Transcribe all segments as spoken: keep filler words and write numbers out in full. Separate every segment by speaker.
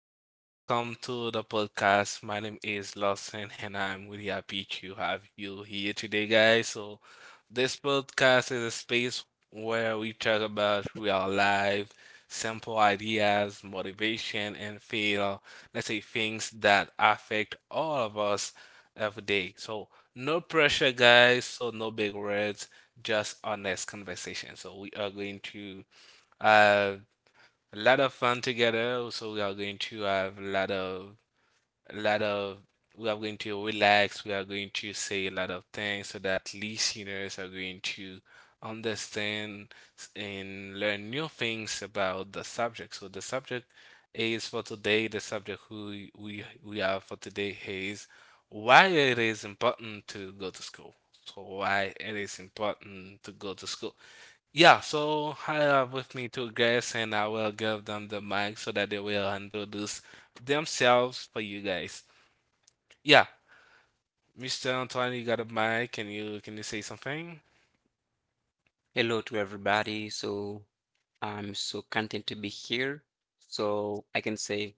Speaker 1: everyone. Welcome to the podcast. My name is Lawson and I'm really happy to have you here today, guys. So, this podcast is a space where we talk about real life, simple ideas, motivation, and feel, let's say, things that affect all of us every day. So, no pressure, guys. So, no big words, just honest conversation. So, we are going to. Uh, a lot of fun together. Also, we are going to have a lot of, a lot of, we are going to relax. We are going to say a lot of things so that listeners are going to understand and learn new things about the subject. So the subject is for today. The subject who we we have for today is why it is important to go to school. So why it is important to go to school. Yeah, so I have with me two guests, and I will give them the mic so that they will introduce themselves for you guys. Yeah, mister Antoine, you got a mic. Can you can you say something?
Speaker 2: Hello to everybody. So I'm so content to be here. So I can say,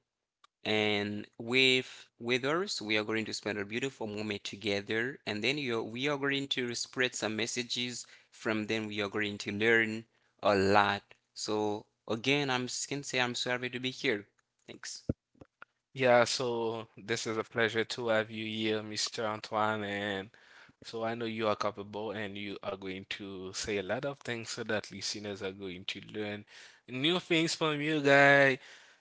Speaker 2: and with with us, we are going to spend a beautiful moment together, and then you we are going to spread some messages. From them, we are going to learn a lot. So again, I'm can say I'm so happy to be here. Thanks.
Speaker 1: Yeah, so this is a pleasure to have you here, mister Antoine. And so I know you are capable and you are going to say a lot of things so that listeners are going to learn new things from you, guy.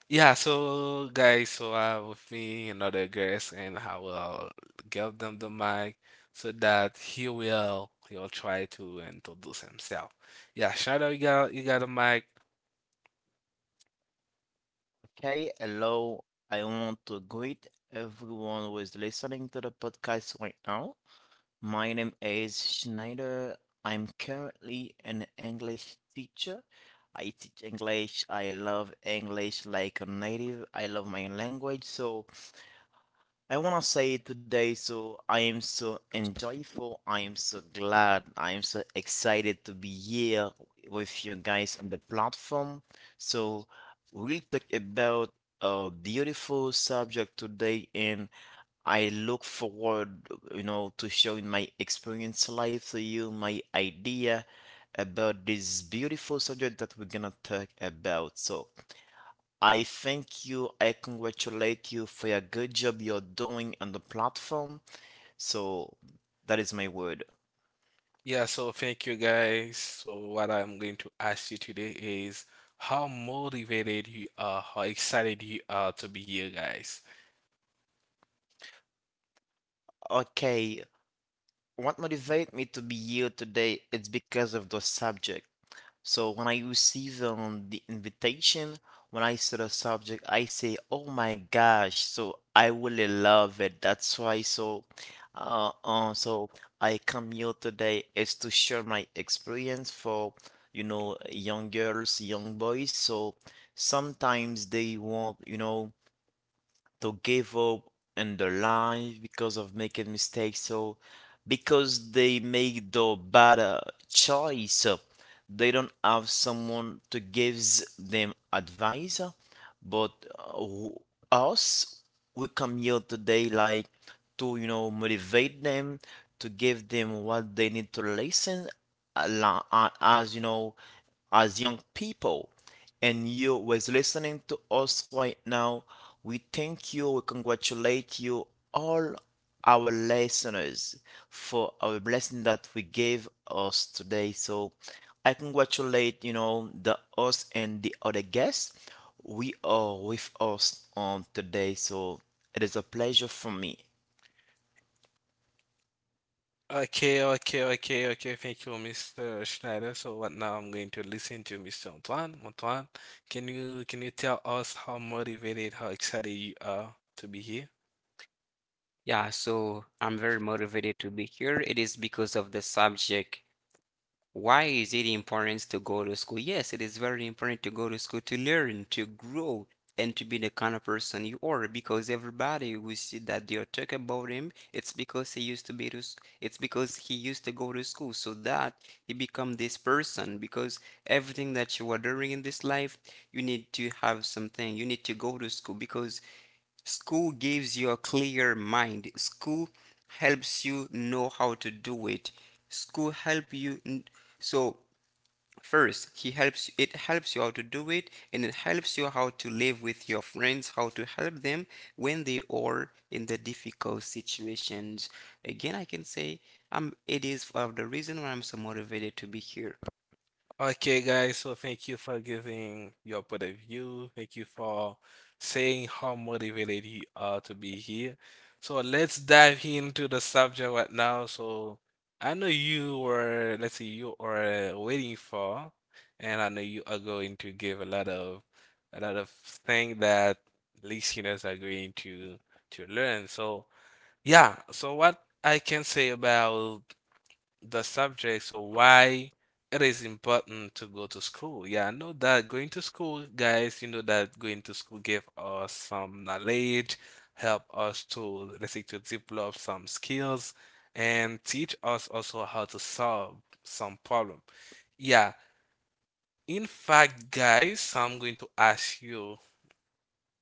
Speaker 1: Yeah, so guys, so I have with me another guest and I will give them the mic so that he will he'll try to introduce himself. Yeah, shout out you got you got a mic.
Speaker 3: Okay, hello. I want to greet everyone who is listening to the podcast right now. My name is Schneider. I'm currently an English teacher. I teach English. I love English like a native. I love my language. So I want to say today, so I am so enjoyful. I am so glad. I am so excited to be here with you guys on the platform. So we'll talk about a beautiful subject today, and I look forward, you know, to showing my experience life to you, my idea about this beautiful subject that we're gonna talk about. So. I thank you. I congratulate you for your good job you're doing on the platform. So that is my word.
Speaker 1: Yeah, so thank you guys. So what I'm going to ask you today is how motivated you are, how excited you are to be here, guys.
Speaker 3: Okay, what motivated me to be here today? It's because of the subject. So when I receive um, the invitation, when I see the subject, I say, "Oh my gosh!" So I really love it. That's why. So, uh, uh, so I come here today is to share my experience for, you know, young girls, young boys. So sometimes they want, you know to give up in their life because of making mistakes, so because they make the bad uh, choice, uh, they don't have someone to gives them advice, uh, but uh, w- us, we come here today like to you know motivate them, to give them what they need to listen, a lo- uh, as you know, as young people, and you was listening to us right now. We thank you, we congratulate you, all our listeners, for our blessing that we gave us today. So I congratulate, you know, the us and the other guests. We are with us on today, so it is a pleasure for me.
Speaker 1: Okay, okay, okay, okay. Thank you, mister Schneider. So what now I'm going to listen to mister Antoine. Antoine, can you can you tell us how motivated, how excited you are to be here?
Speaker 2: Yeah, so I'm very motivated to be here. It is because of the subject. Why is it important to go to school? Yes, it is very important to go to school to learn, to grow, and to be the kind of person you are. Because everybody we see that they are talk about him, it's because he used to be to, s- it's because he used to go to school, so that he become this person. Because everything that you are doing in this life, you need to have something. You need to go to school because school gives you a clear mind. School helps you know how to do it. School help you. So first, he helps. It helps you how to do it, and it helps you how to live with your friends, how to help them when they are in the difficult situations. Again, I can say um, it is of the reason why I'm so motivated to be here.
Speaker 1: Okay, guys, so thank you for giving your point of view. Thank you for saying how motivated you are to be here. So let's dive into the subject right now. So I know you were, let's see, you are waiting for, and I know you are going to give a lot of a lot of thing that listeners are going to to learn. So yeah, so what I can say about the subject. So why it is important to go to school. Yeah, I know that going to school, guys, you know that going to school give us some knowledge, help us to, let's say, to develop some skills and teach us also how to solve some problem. Yeah, in fact, guys, so I'm going to ask you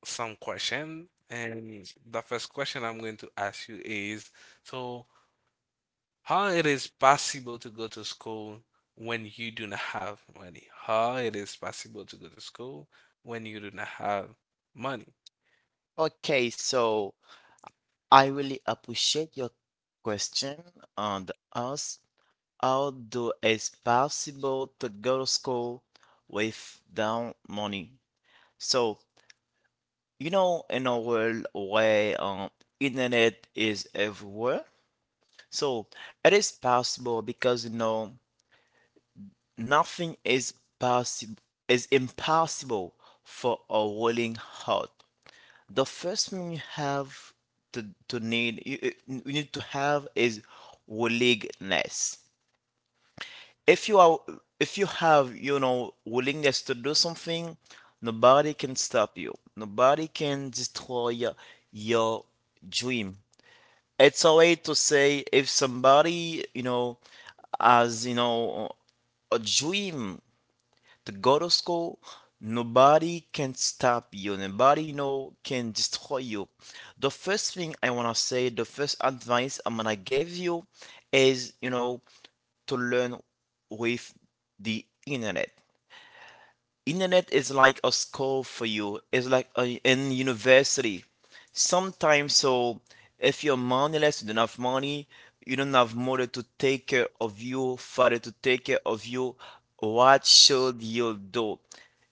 Speaker 1: some question, and the first question I'm going to ask you is, so how it is possible to go to school when you do not have money? How it is possible to go to school when you do not have money?
Speaker 3: Okay, so I really appreciate your question on the us. Although it's possible to go to school without money. So, you know, in a world where um, internet is everywhere, so it is possible because you know nothing is possible, is impossible for a willing heart. The first thing you have to to need you, you you need to have is willingness. if you are if you have you know willingness to do something, nobody can stop you, nobody can destroy your, your dream. It's a way to say, if somebody you know has you know a dream the go to school, nobody can stop you, nobody you know can destroy you. The first thing I want to say, the first advice I'm gonna give you is you know to learn with the internet. Internet is like a school for you. It's like a, in university. Sometimes, so if you're moneyless, you don't have money, you don't have mother to take care of you, father to take care of you. What should you do?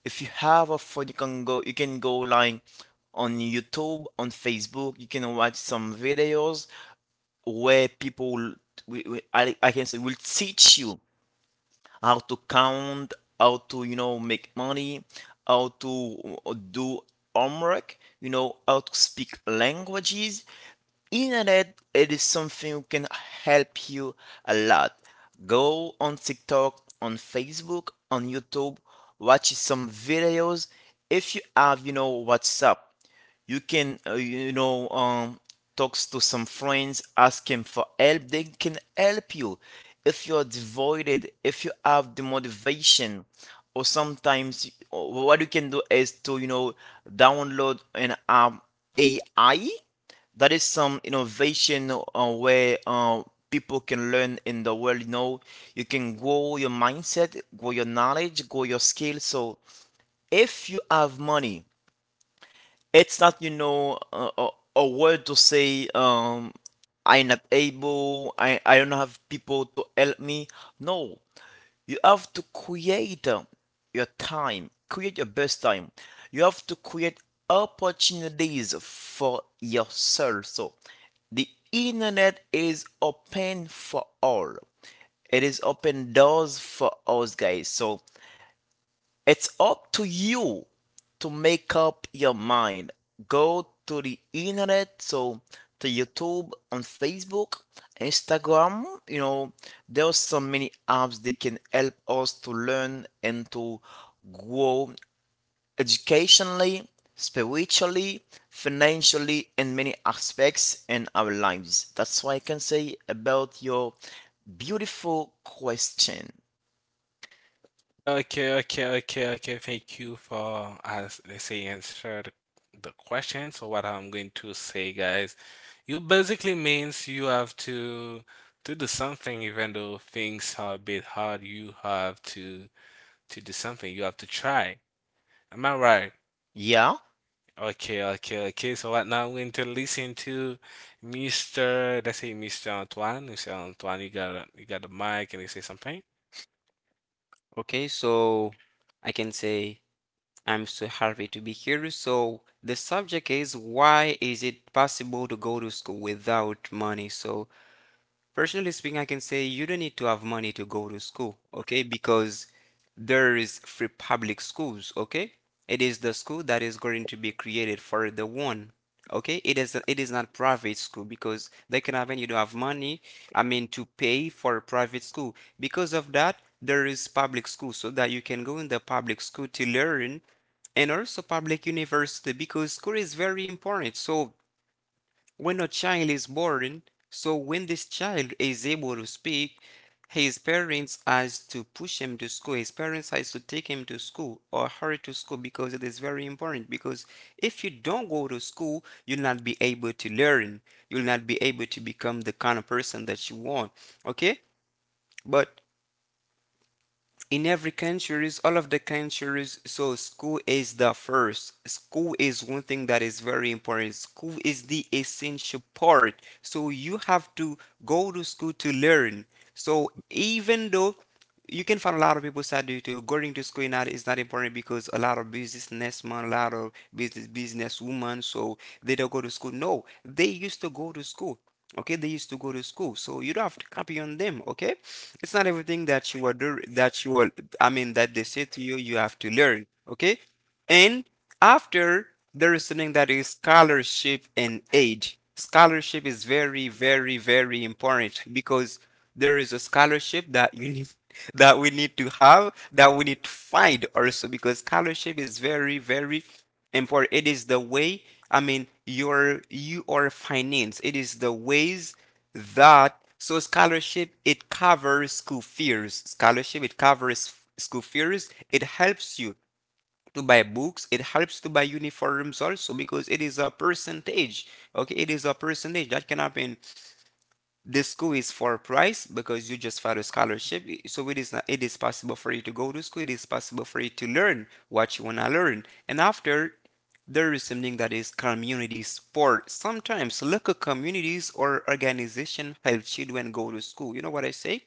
Speaker 3: If you have a phone, you can go. You can go like on YouTube, on Facebook. You can watch some videos where people, we, we, I, I can say, will teach you how to count, how to, you know, make money, how to uh, do homework, you know, how to speak languages. Internet, it is something who can help you a lot. Go on TikTok, on Facebook, on YouTube, watch some videos. If you have, you know, WhatsApp, you can uh, you know um talks to some friends, ask him for help, they can help you if you're devoted, if you have the motivation. Or sometimes, or what you can do is to you know download an um, AI, that is some innovation uh, where uh, people can learn in the world. You know you can grow your mindset, grow your knowledge, grow your skill. So if you have money, it's not, you know, a, a, a word to say, um, I'm not able, I, I don't have people to help me. No, you have to create um, your time, create your best time. You have to create opportunities for yourself. So the internet is open for all. It is open doors for us guys. So it's up to you to make up your mind. Go to the internet, so to YouTube, on Facebook, Instagram. You know, there's so many apps that can help us to learn and to grow educationally, spiritually, financially, and many aspects in our lives. That's what I can say about your beautiful question.
Speaker 1: Okay, okay, okay, okay. Thank you for as they say answer the the question. So what I'm going to say, guys, you basically means you have to to do something even though things are a bit hard. You have to to do something. You have to try. Am I right?
Speaker 3: Yeah,
Speaker 1: Okay, okay, okay. So right now we're going to listen to mister Let's say mister Antoine. mister Antoine, you got a, you got the mic and you say something.
Speaker 2: Okay, so I can say, I'm so happy to be here. So, the subject is why is it possible to go to school without money? So, personally speaking, I can say you don't need to have money to go to school, okay? Because there is free public schools, okay? It is the school that is going to be created for the one. Okay, it is it is not private school because they can have and you don't have money, I mean to pay for a private school. Because of that, there is public school so that you can go in the public school to learn, and also public university, because school is very important. So when a child is born, so when this child is able to speak, his parents has to push him to school. His parents has to take him to school or hurry to school because it is very important. Because if you don't go to school, you'll not be able to learn. You'll not be able to become the kind of person that you want. Okay? But in every countries, all of the countries, so school is the first, school is one thing that is very important, school is the essential part. So you have to go to school to learn. So even though you can find a lot of people that do too, going to school now is not important, because a lot of businessmen, a lot of business businesswomen, so they don't go to school. No, they used to go to school. Okay, they used to go to school, so you don't have to copy on them. Okay, it's not everything that you are do that you are. I mean, that they say to you, you have to learn. Okay, and after, there is something that is scholarship and aid. Scholarship is very, very, very important, because there is a scholarship that you need that we need to have, that we need to find also, because scholarship is very, very important. It is the way, I mean, your you are finance. It is the ways that, so scholarship, it covers school fees. Scholarship, it covers school fees. It helps you to buy books, it helps to buy uniforms also, because it is a percentage. Okay, it is a percentage that can happen. The school is for price because you just filed a scholarship, so it is not, it is possible for you to go to school, it is possible for you to learn what you want to learn. And after, there is something that is community sport. Sometimes local communities or organization help children go to school. You know what I say?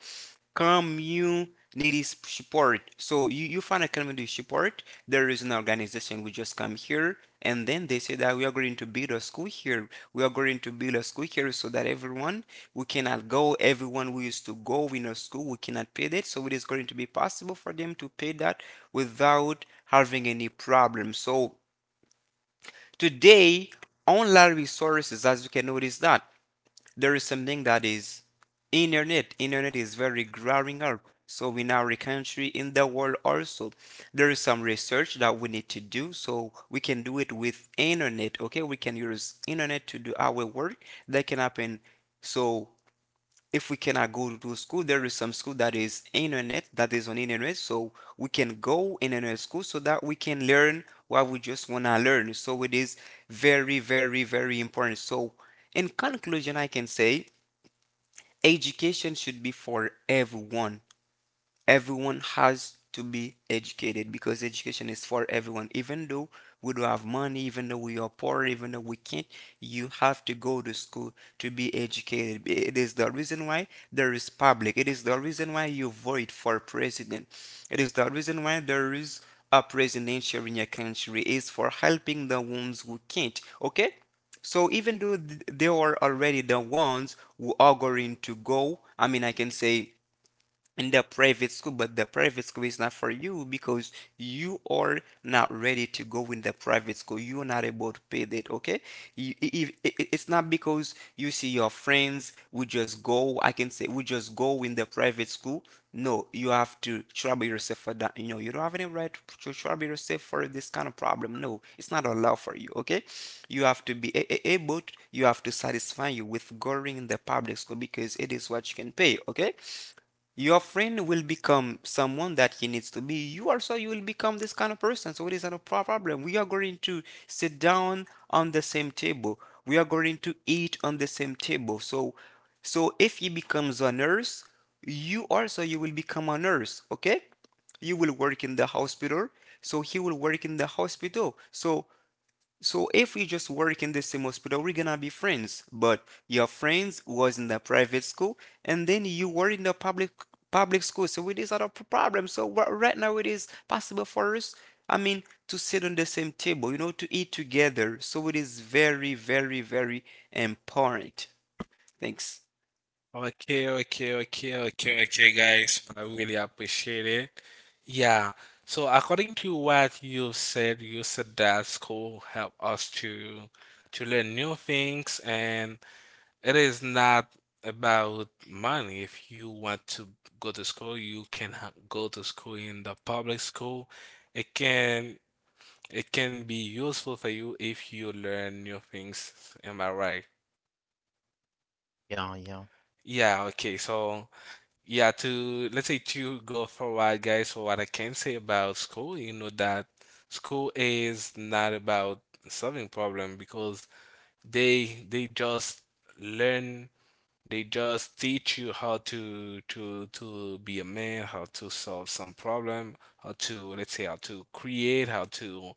Speaker 2: community s- support. So you, you find a community support. There is an organization. We just come here, and then they say that we are going to build a school here. We are going to build a school here so that everyone we cannot go. Everyone who used to go in a school, we cannot pay that. So it is going to be possible for them to pay that without having any problem. So today, online resources, as you can notice that there is something that is internet internet is very growing up. So in our country, in the world also, there is some research that we need to do, so we can do it with internet. Okay, we can use internet to do our work. That can happen. So if we cannot go to school, there is some school that is internet, that is on internet, so we can go internet school so that we can learn what we just want to learn. So it is very, very, very important. So in conclusion, I can say education should be for everyone. Everyone has to be educated because education is for everyone. Even though we don't have money, even though we are poor, even though we can't, you have to go to school to be educated. It is the reason why there is public. It is the reason why you vote for president. It is the reason why there is a presidential in your country, is for helping the ones who can't. Okay? So even though they are already the ones who are going to go, I mean, I can say, in the private school, but the private school is not for you because you are not ready to go in the private school. You're not able to pay that, okay? You, I- if, it's not because you see your friends, we just go, I can say, we just go in the private school. No, you have to trouble yourself for that. You know, you don't have any right to trouble yourself for this kind of problem. No, it's not allowed for you, okay? You have to be able, you have to satisfy you with going in the public school because it is what you can pay, okay? Your friend will become someone that he needs to be, you also you will become this kind of person, so it is not a problem. We are going to sit down on the same table, we are going to eat on the same table. So so if he becomes a nurse, you also you will become a nurse. Okay, you will work in the hospital, so he will work in the hospital. So so if we just work in the same hospital, we're gonna be friends. But your friends was in the private school, and then you were in the public public school. So it is not a p- problem. So right now it is possible for us, I mean, to sit on the same table, you know, to eat together. So it is very, very, very important. Thanks.
Speaker 1: Okay, okay, okay, okay, okay, guys. I really appreciate it. Yeah. So according to what you said, you said that school help us to to learn new things and it is not about money. If you want to go to school, you can ha- go to school in the public school. It can it can be useful for you if you learn new things. Am I right?
Speaker 3: yeah, yeah.
Speaker 1: Yeah, okay. So, yeah, to let's say to go forward, guys. So what I can say about school, you know that school is not about solving problem because they they just learn they just teach you how to to to be a man, how to solve some problem, how to let's say how to create, how to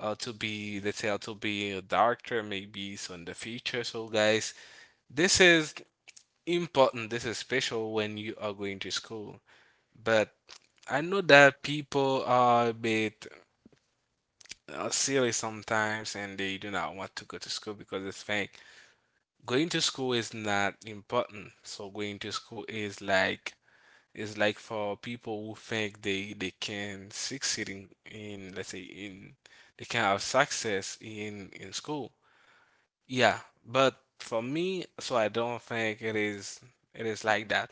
Speaker 1: how to be let's say how to be a doctor maybe so in the future. So guys, this is important. This is special when you are going to school. But I know that people are a bit uh, silly sometimes and they do not want to go to school because they think going to school is not important. So going to school is like it's like for people who think they they can succeed in, in let's say in they can have success in in school. Yeah, but for me, so I don't think it is it is like that.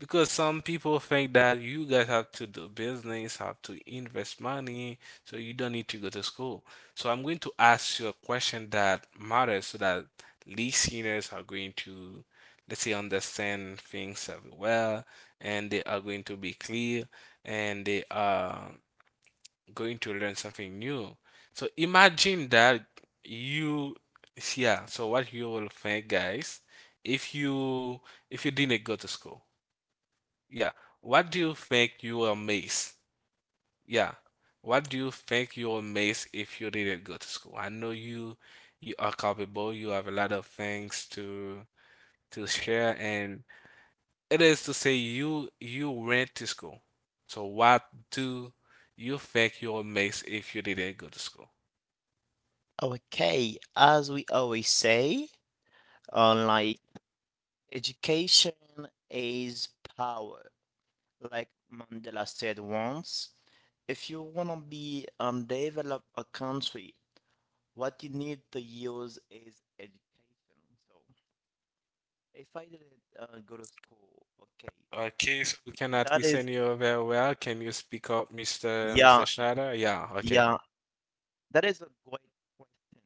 Speaker 1: Because some people think that you guys have to do business, have to invest money, so you don't need to go to school. So I'm going to ask you a question that matters so that listeners are going to, let's say, understand things well, and they are going to be clear, and they are going to learn something new. So imagine that you, yeah, so what you will think, guys, if you if you didn't go to school. Yeah. What do you think you will miss? Yeah. What do you think you will miss if you didn't go to school? I know you you are capable. You have a lot of things to to share, and it is to say you you went to school. So what do you think you will miss if you didn't go to school?
Speaker 3: Okay, as we always say, on like education is power. Like Mandela said once, if you want to be and develop a country, what you need to use is education. So if I didn't uh, go to school, okay,
Speaker 1: Okay, so we cannot
Speaker 3: that is
Speaker 1: listen you very well. Can you speak up, mister
Speaker 3: yeah,
Speaker 1: mister Schneider? Yeah, okay.
Speaker 3: yeah, that is a great question.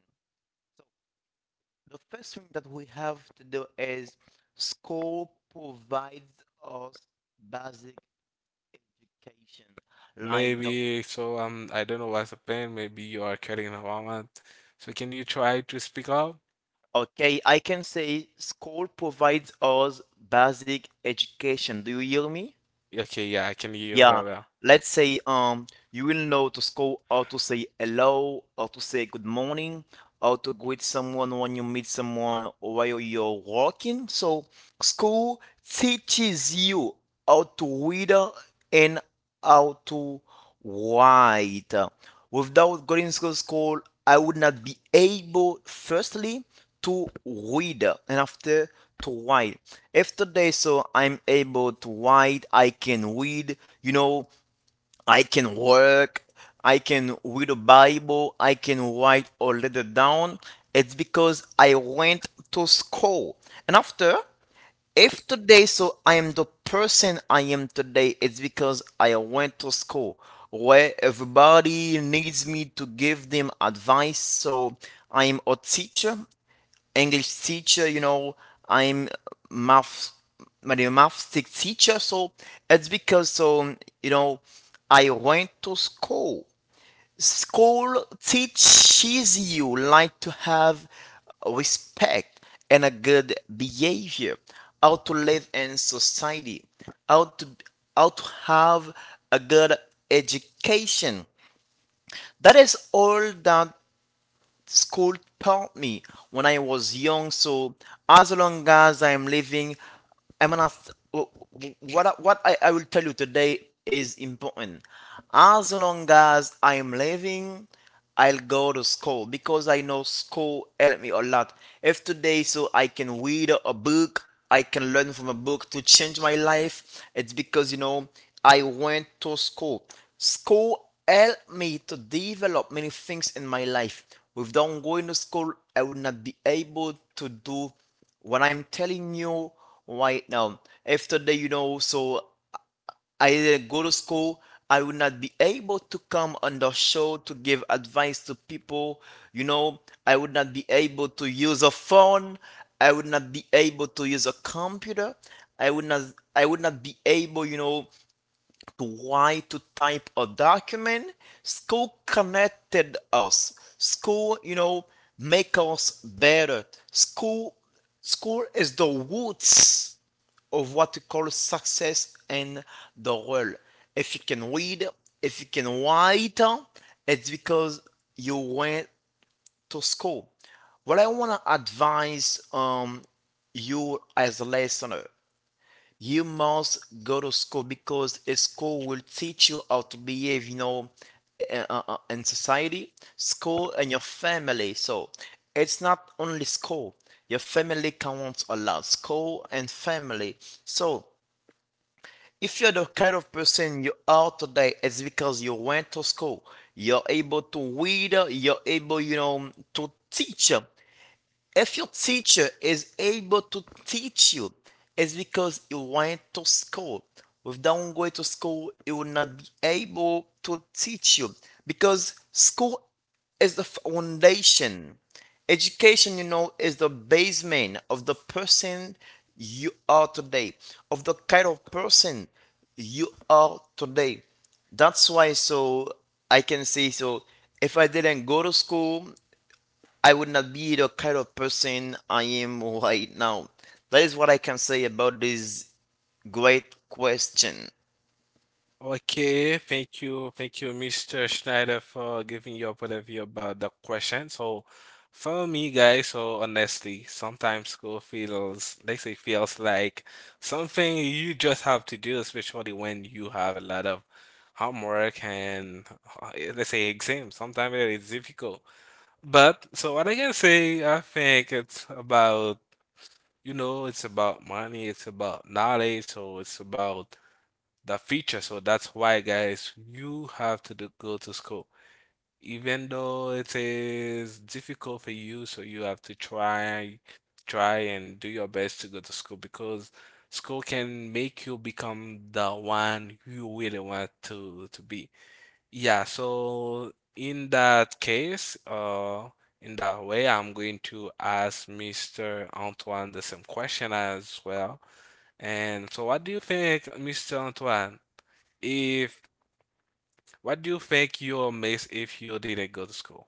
Speaker 3: The first thing that we have to do is school provides us basic education. Like the
Speaker 1: Maybe so. Um, I don't know what's the pain. Maybe you are carrying a woman. So can you try to speak up?
Speaker 3: Okay, I can say school provides us basic education. Do you hear me?
Speaker 1: Okay, yeah, I can hear you
Speaker 3: Yeah.
Speaker 1: very well.
Speaker 3: Let's say um you will know to school how to say hello, how to say good morning, how to greet someone when you meet someone while you're walking. So, school teaches you how to read and how to write. Without going to school, I would not be able, firstly, to read and after to write. After today, so I'm able to write, I can read, you know, I can work, I can read a Bible, I can write a letter down. It's because I went to school. And after, if today, so I am the person I am today, it's because I went to school where everybody needs me to give them advice. So I am a teacher, English teacher, you know, I'm math, my math teacher. So it's because, so, you know, I went to school. School teaches you like to have respect and a good behavior, how to live in society, how to how to have a good education. That is all that school taught me when I was young. So as long as I'm living, I'm gonna th- wh- wh- what I- what I, I will tell you today is important. As long as I'm living, I'll go to school because I know school helped me a lot. If today so I can read a book, I can learn from a book to change my life. It's because, you know, I went to school. School helped me to develop many things in my life. Without going to school, I would not be able to do what I'm telling you right now. After that, you know, so I didn't go to school, I would not be able to come on the show to give advice to people. You know, I would not be able to use a phone. I would not be able to use a computer. I would not I would not be able, you know, to why to type a document. School connected us. School you know make us better. School school is the roots of what we call success in the world. If you can read, if you can write, it's because you went to school. What I want to advise, um, you as a listener, you must go to school because a school will teach you how to behave, you know uh, uh, uh, in society, school and your family. So it's not only school, your family counts a lot, school and family. So if you're the kind of person you are today, it's because you went to school. You're able to read, you're able you know to teach. If your teacher is able to teach you, it's because you went to school. Without going to school, you will not be able to teach you, because school is the foundation. Education, you know, is the basement of the person you are today, of the kind of person you are today. That's why, so I can say, so if I didn't go to school, I would not be the kind of person I am right now. That is what I can say about this great question.
Speaker 1: Okay, thank you, thank you, mister Schneider, for giving your point of view about the question. So, for me, guys, so honestly, sometimes school feels, they say, feels like something you just have to do, especially when you have a lot of homework and uh, let's say exams. Sometimes it is difficult. But so what I can say, I think it's about, you know, it's about money, it's about knowledge, so it's about the future. So that's why, guys, you have to do, go to school. Even though it is difficult for you, so you have to try, try and do your best to go to school because school can make you become the one you really want to to be. Yeah, so in that case, uh, in that way, I'm going to ask mister Antoine the same question as well. And so, what do you think, mister Antoine, if what do you think you'll miss if you didn't go to school?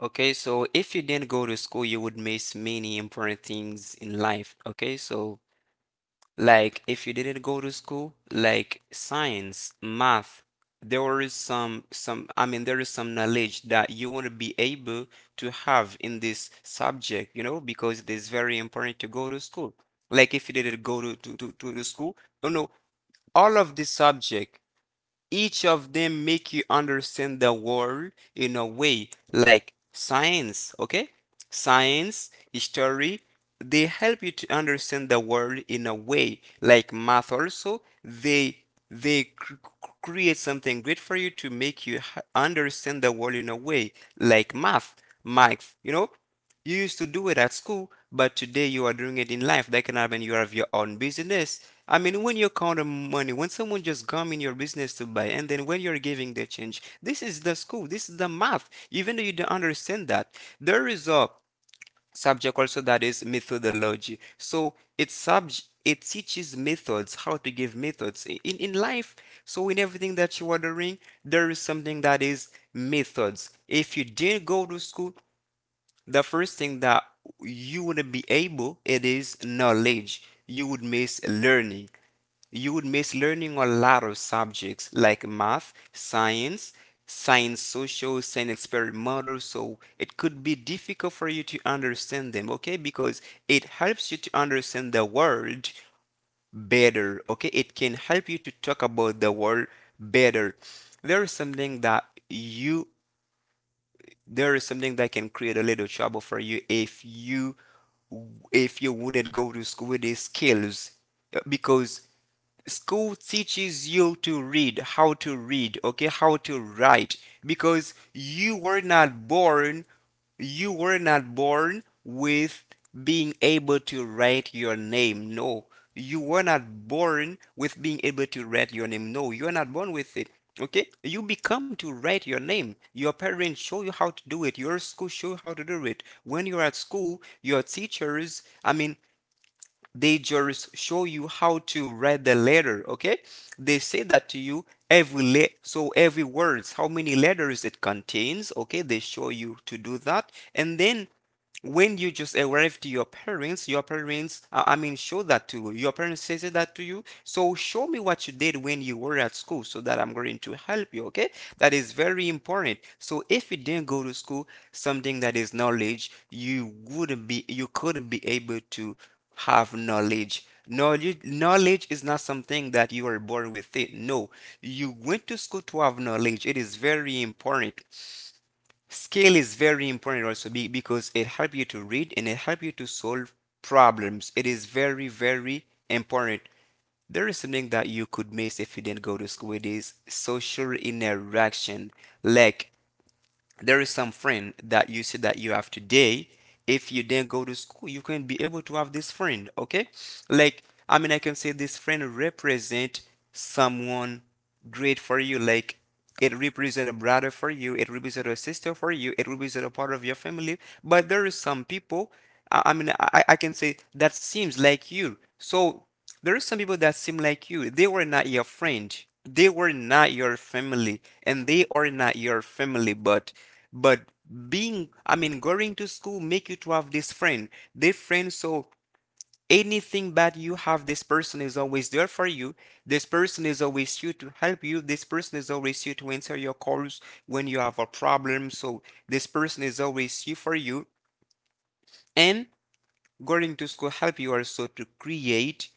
Speaker 2: Okay, so if you didn't go to school, you would miss many important things in life. Okay, so like, if you didn't go to school, like science, math, there is some some, I mean, there is some knowledge that you want to be able to have in this subject, you know, because it is very important to go to school. Like if you didn't go to to to, to the school, you know, all of this subject, each of them make you understand the world in a way, like science, okay? Science, history, they help you to understand the world in a way, like math also. They they cr- create something great for you to make you h- understand the world in a way like math, math, you know? You used to do it at school, but today you are doing it in life. That can happen. You have your own business, I mean, when you count the money, when someone just come in your business to buy, and then when you're giving the change, this is the school, this is the math. Even though you don't understand that, there is a subject also that is methodology. So it's subject. It teaches methods, how to give methods in, in life. So, in everything that you are doing, there is something that is methods. If you didn't go to school, the first thing that you wouldn't be able, it is knowledge. You would miss learning. You would miss learning a lot of subjects like math, science, science social, science experimental. So it could be difficult for you to understand them, okay? Because it helps you to understand the world better, okay? It can help you to talk about the world better. There is something that you there is something that can create a little trouble for you if you if you wouldn't go to school with these skills. Uh, because school teaches you to read, how to read, okay, how to write, because you were not born, you were not born with being able to write your name. No, you were not born with being able to write your name. No, you are not born with it. Okay, you become to write your name. Your parents show you how to do it. Your school show you how to do it. When you're at school, your teachers, I mean, they just show you how to write the letter, okay, they say that to you every le- so every words how many letters it contains, okay, they show you to do that. And then when you just arrive to your parents, your parents, uh, I mean, show that to you. Your parents says that to you. So show me what you did when you were at school so that I'm going to help you, okay? That is very important. So if you didn't go to school, something that is knowledge, you wouldn't be, you couldn't be able to have knowledge. Knowledge, knowledge is not something that you are born with it. No, you went to school to have knowledge. It is very important. Scale is very important also because it help you to read and it help you to solve problems. It is very, very important. There is something that you could miss if you didn't go to school. It is social interaction. Like there is some friend that you see that you have today, if you then go to school you can be able to have this friend, okay, like I mean I can say this friend represent someone great for you, like it represent a brother for you, it represent a sister for you, it represent a part of your family. But there is some people, i, I mean I, I can say that seems like you. So there are some people that seem like you. They were not your friend. They were not your family, and they are not your family. But, but being, I mean, going to school make you to have this friend. This friend, so anything bad you have, this person is always there for you. This person is always here to help you. This person is always here to answer your calls when you have a problem. So this person is always here for you. And going to school help you also to create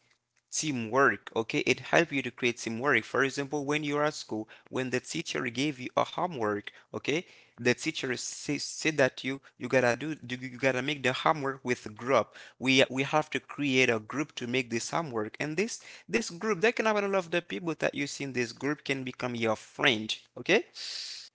Speaker 2: teamwork, okay, it helps you to create teamwork. For example, when you're at school, when the teacher gave you a homework, okay, the teacher say, said that you you gotta do do- you gotta make the homework with a group, we we have to create a group to make this homework. And this this group that can have a lot of the people that you see in this group can become your friend, okay.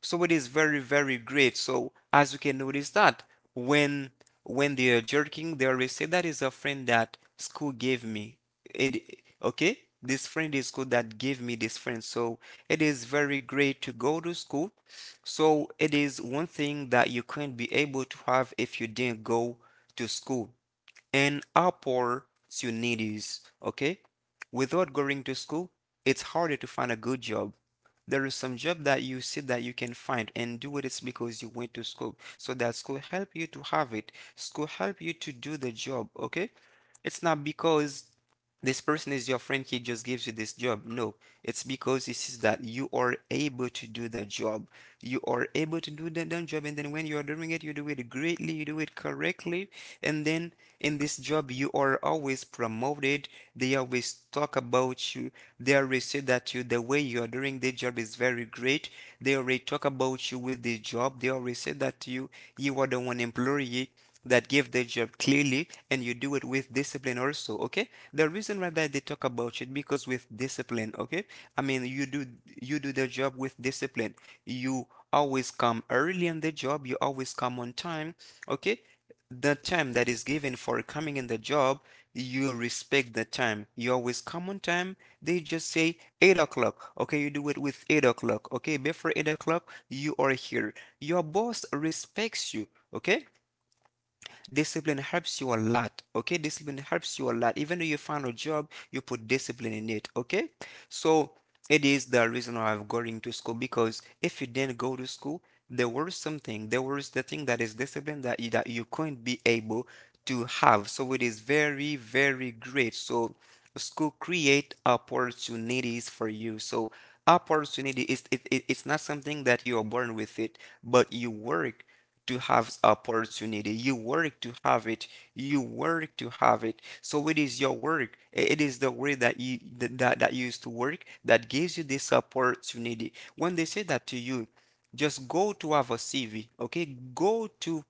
Speaker 2: So it is very, very great. So as you can notice that, when when they are jerking, they always say that is a friend that school gave me. It okay? This friend is school that gave me this friend. So it is very great to go to school. So it is one thing that you couldn't be able to have if you didn't go to school, and opportunities. Okay, without going to school, it's harder to find a good job. There is some job that you see that you can find and do, it is because you went to school. So that school help you to have it. School help you to do the job. Okay, it's not because this person is your friend, he just gives you this job. No, it's because he sees that you are able to do the job. You are able to do the done job, and then when you are doing it, you do it greatly, you do it correctly, and then in this job, you are always promoted. They always talk about you. They always say that you, the way you are doing the job is very great. They already talk about you with the job. They always say that you you are the one employee that give their job clearly and you do it with discipline also, okay, the reason why that they talk about it because with discipline, okay, I mean you do, you do the job with discipline. You always come early in the job, you always come on time, okay, the time that is given for coming in the job, you respect the time, you always come on time. They just say eight o'clock, okay, you do it with eight o'clock, okay, before eight o'clock you are here. Your boss respects you, okay. Discipline helps you a lot. Okay, discipline helps you a lot. Even though you find a job, you put discipline in it. Okay, so it is the reason why I'm going to school, because if you didn't go to school, there was something, there was the thing that is discipline that you, that you couldn't be able to have. So it is very, very great. So school create opportunities for you. So opportunity is it, it, it's not something that you are born with it, but you work to have opportunity, you work to have it, you work to have it, so it is your work. It is the way that you that that you used to work that gives you this opportunity. When they say that to you, just go to our C V, okay? Go to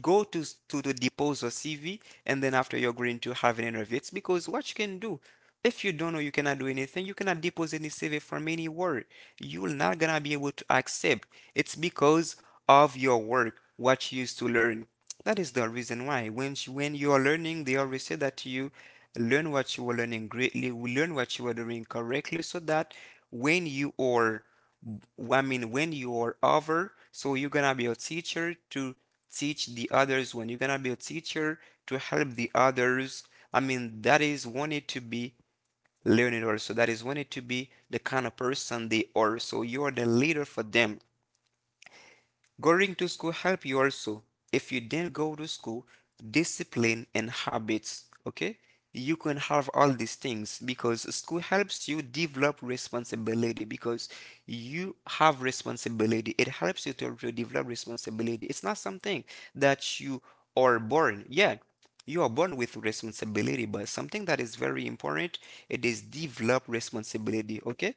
Speaker 2: go to to the depose your C V, and then after you're going to have an interview. It's because what you can do, if you don't know, you cannot do anything. You cannot depose any C V from anywhere. You're not gonna be able to accept. It's because of your work, what you used to learn. That is the reason why. When you, when you are learning, they always say that you learn what you were learning greatly, learn what you were doing correctly, so that when you are, I mean, when you're over, so you're gonna be a teacher to teach the others. When you're gonna be a teacher to help the others, I mean, that is wanted to be learned. Or so that is wanted to be the kind of person they are. So you are the leader for them. Going to school help you also. If you didn't go to school, discipline and habits, okay? You can have all these things because school helps you develop responsibility, because you have responsibility. It helps you to, to develop responsibility. It's not something that you are born. Yeah, you are born with responsibility, but something that is very important, it is develop responsibility, okay?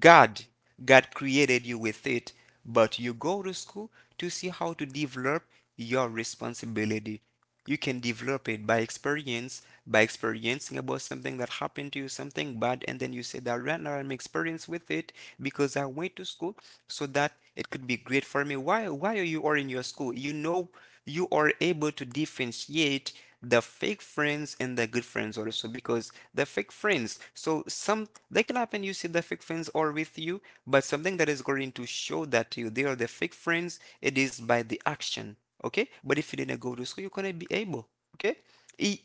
Speaker 2: God, God created you with it, but you go to school to see how to develop your responsibility. You can develop it by experience, by experiencing about something that happened to you, something bad, and then you say that right now I'm experienced with it, because I went to school so that it could be great for me. Why? Why are you are in your school? You know you are able to differentiate the fake friends and the good friends also, because the fake friends, so some they can happen, you see the fake friends are with you, but something that is going to show that to you they are the fake friends, it is by the action, okay. But if you didn't go to school, you couldn't be able, okay. E-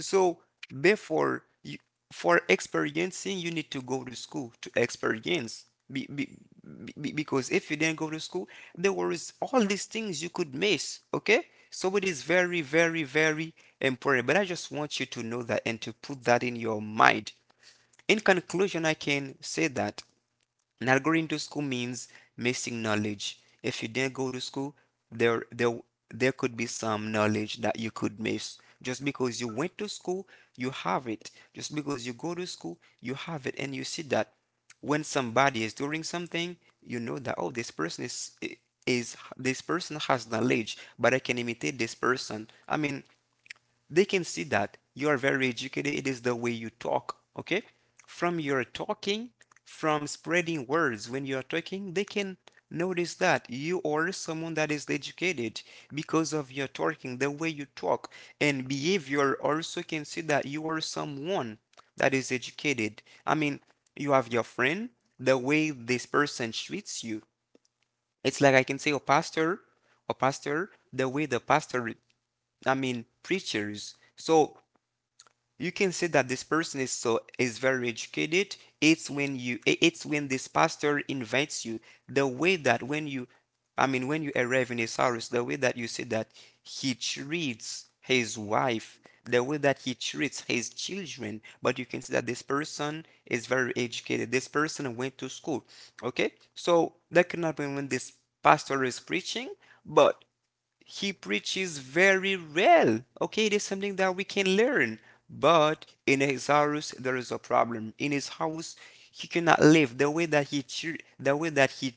Speaker 2: so, before you, for experiencing, you need to go to school to experience. Be, be, be- because if you didn't go to school, there was all these things you could miss. Okay? So it is very, very, very important. But I just want you to know that and to put that in your mind. In conclusion, I can say that not going to school means missing knowledge. If you didn't go to school, there there there could be some knowledge that you could miss. Just because you went to school, you have it. Just because you go to school, you have it, and you see that when somebody is doing something, you know that, oh, this person is is this person has knowledge, but I can imitate this person. I mean, they can see that you are very educated. It is the way you talk, okay? From your talking, from spreading words when you are talking, they can notice that you are someone that is educated, because of your talking, the way you talk, and behavior also can see that you are someone that is educated. I mean, you have your friend, the way this person treats you. It's like I can say, a pastor, a pastor, the way the pastor, I mean, preachers. So you can see that this person is so is very educated. It's when you it's when this pastor invites you, the way that when you i mean when you arrive in a service, the way that you see that he treats his wife, the way that he treats his children, but you can see that this person is very educated. This person went to school. Okay, so that can happen when this pastor is preaching, but he preaches very well. Okay, it is something that we can learn. But in his house, there is a problem. In his house, he cannot live the way that he the way that he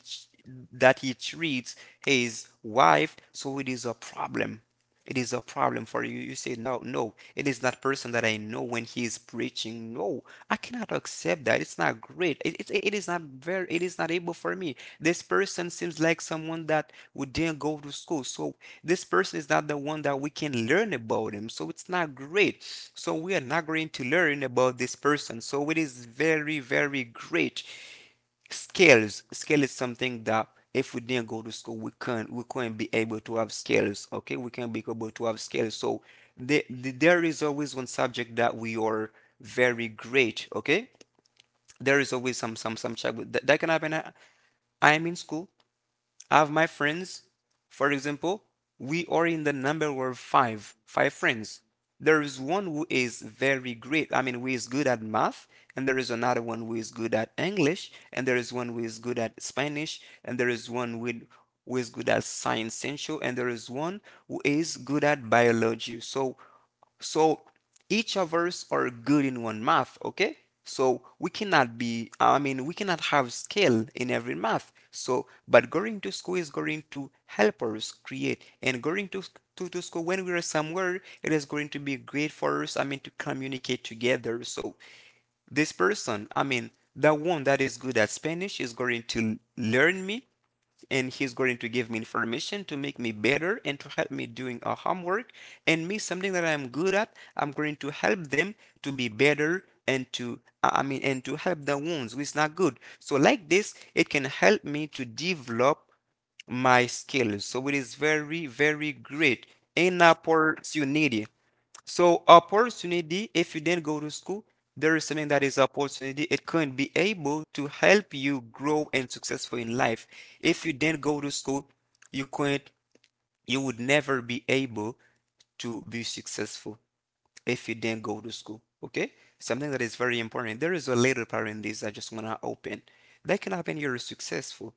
Speaker 2: that he treats his wife. So it is a problem. It is a problem for you. You say, no, no, it is that person that I know when he is preaching. No, I cannot accept that. It's not great. It, it, it is not very, it is not able for me. This person seems like someone that we didn't go to school. So this person is not the one that we can learn about him. So it's not great. So we are not going to learn about this person. So it is very, very great. Skills. Skill is something that if we didn't go to school, we can't we couldn't be able to have skills. Okay, we can't be able to have skills. So the, the, there is always one subject that we are very great. Okay, there is always some some some subject that, that can happen. I, I am in school. I have my friends. For example, we are in the number of five, five friends. There is one who is very great, I mean, who is good at math, and there is another one who is good at English, and there is one who is good at Spanish, and there is one with who is good at science central, and there is one who is good at biology. So so each of us are good in one math, okay? So we cannot be, I mean, we cannot have skill in every math. So, but going to school is going to help us create, and going to, to, to school when we are somewhere, it is going to be great for us, I mean, to communicate together. So this person, I mean, the one that is good at Spanish is going to learn me, and he's going to give me information to make me better and to help me doing a homework. And me, something that I'm good at, I'm going to help them to be better and to, I mean, and to help the ones who is not good. So like this, it can help me to develop my skills. So it is very, very great. An opportunity. So opportunity, if you didn't go to school, there is something that is opportunity. It can be able to help you grow and successful in life. If you didn't go to school, you couldn't, you would never be able to be successful if you didn't go to school. Okay, something that is very important. There is a little part in this I just want to open. That can happen, you're successful,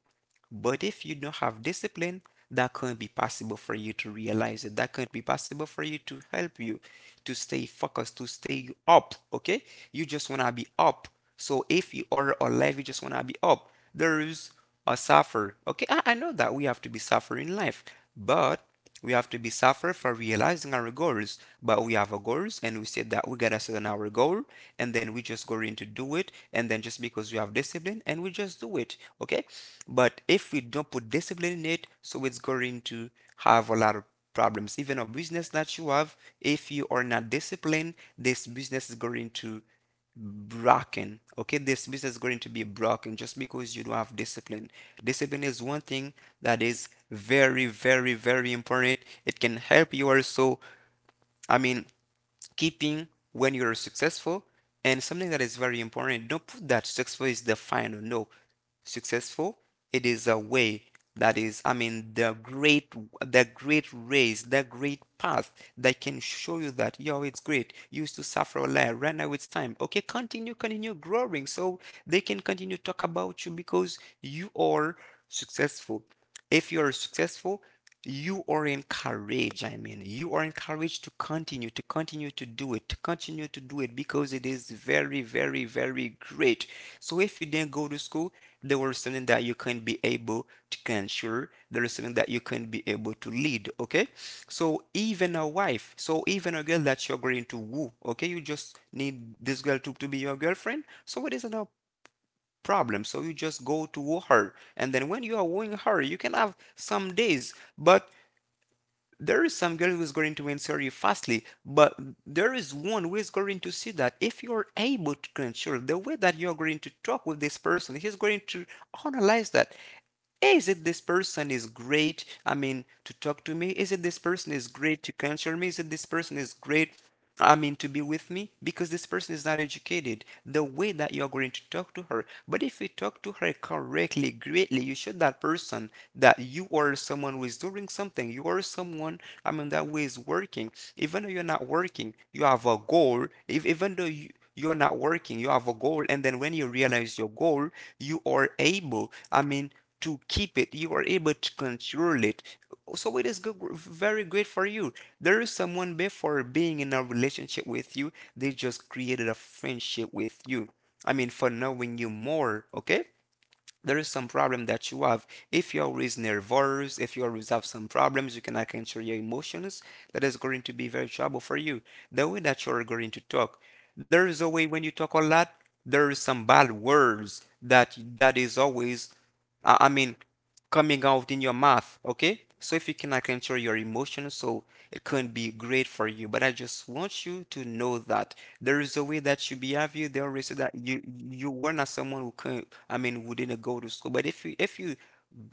Speaker 2: but if you don't have discipline, that can't be possible for you to realize it. That can't be possible for you to help you to stay focused, to stay up. Okay, you just want to be up. So if you are alive, you just want to be up. There is a suffer. Okay, I, I know that we have to be suffering life, but we have to be suffer for realizing our goals, but we have our goals and we said that we got to set on our goal, and then we just go into do it, and then just because we have discipline and we just do it, okay? But if we don't put discipline in it, so it's going to have a lot of problems. Even a business that you have, if you are not disciplined, this business is going to broken. Okay, this business is going to be broken just because you don't have discipline. Discipline is one thing that is very, very, very important. It can help you also, I mean, keeping when you're successful. And something that is very important, don't put that successful is the final. No, successful, it is a way that is, I mean, the great, the great race, the great path that can show you that yo, it's great, you used to suffer a lot, right now it's time, okay, continue, continue growing. So they can continue to talk about you because you are successful. If you are successful, you are encouraged, I mean, you are encouraged to continue, to continue to do it, to continue to do it, because it is very, very, very great. So if you didn't go to school, there was something that you can be able to control, there is something that you can be able to lead, okay? So even a wife, so even a girl that you're going to woo, okay, you just need this girl to, to be your girlfriend. So it is an problem. So you just go to woo her. And then when you are wooing her, you can have some days. But there is some girl who is going to answer you fastly. But there is one who is going to see that if you are able to control the way that you are going to talk with this person, he's going to analyze that, is it this person is great, I mean, to talk to me, is it this person is great to counsel me, is it this person is great, I mean, to be with me, because this person is not educated the way that you're going to talk to her. But if you talk to her correctly, greatly, you show that person that you are someone who is doing something, you are someone, I mean, that way is working. Even though you're not working, you have a goal. If, Even though you you are not working, you have a goal, and then when you realize your goal, you are able, I mean, to keep it, you are able to control it. So it is good, very great for you. There is someone before being in a relationship with you, they just created a friendship with you, I mean, for knowing you more. Okay, there is some problem that you have. If you always nervous, if you always have some problems, you cannot control your emotions, that is going to be very trouble for you. The way that you are going to talk, there is a way when you talk a lot, there is some bad words that that is always I I mean, coming out in your mouth, okay? So if you cannot control your emotions, so it couldn't be great for you. But I just want you to know that there is a way that you behave. You there is that you you were not someone who couldn't. I mean, who didn't go to school. But if you if you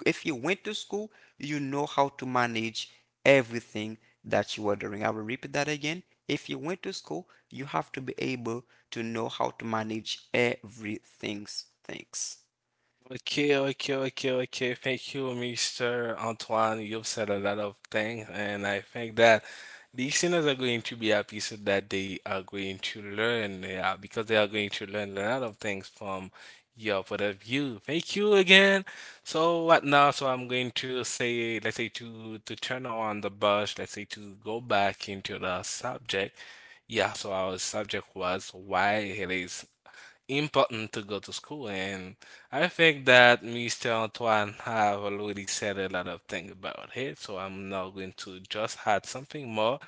Speaker 2: if you went to school, you know how to manage everything that you are doing. I will repeat that again. If you went to school, you have to be able to know how to manage everything. Thanks.
Speaker 1: Okay, okay, okay, okay. Thank you, mister Antoine. You've said a lot of things, and I think that listeners are going to be happy so that they are going to learn, they are because they are going to learn a lot of things from your point of view. Thank you again. So what now? So I'm going to say, let's say to to turn on the bus, let's say to go back into the subject. Yeah, so our subject was why it is important to go to school and I think that Mr. Antoine have already said a lot of things about it so I'm now going to just add something more.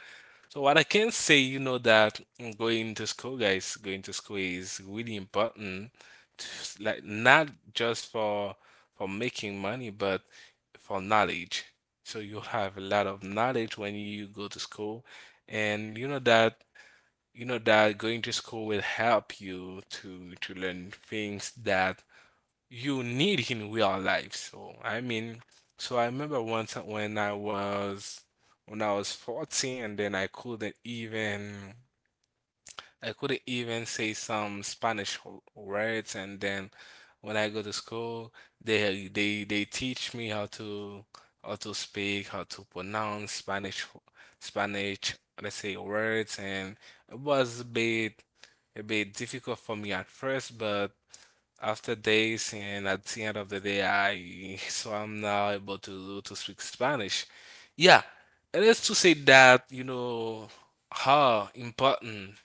Speaker 1: So what I can say, you know that going to school guys, going to school is really important to, like not just for for making money but for knowledge. So you'll have a lot of knowledge when you go to school and you know that you know that going to school will help you to to learn things that you need in real life. So I mean, so I remember once when I was when I was fourteen and then I couldn't even I couldn't even say some Spanish w- words and then when I go to school they they they teach me how to how to speak, how to pronounce Spanish Spanish let's say words and it was a bit a bit difficult for me at first, but after days and at the end of the day, I so I'm now able to to speak Spanish. Yeah, it is to say that you know how important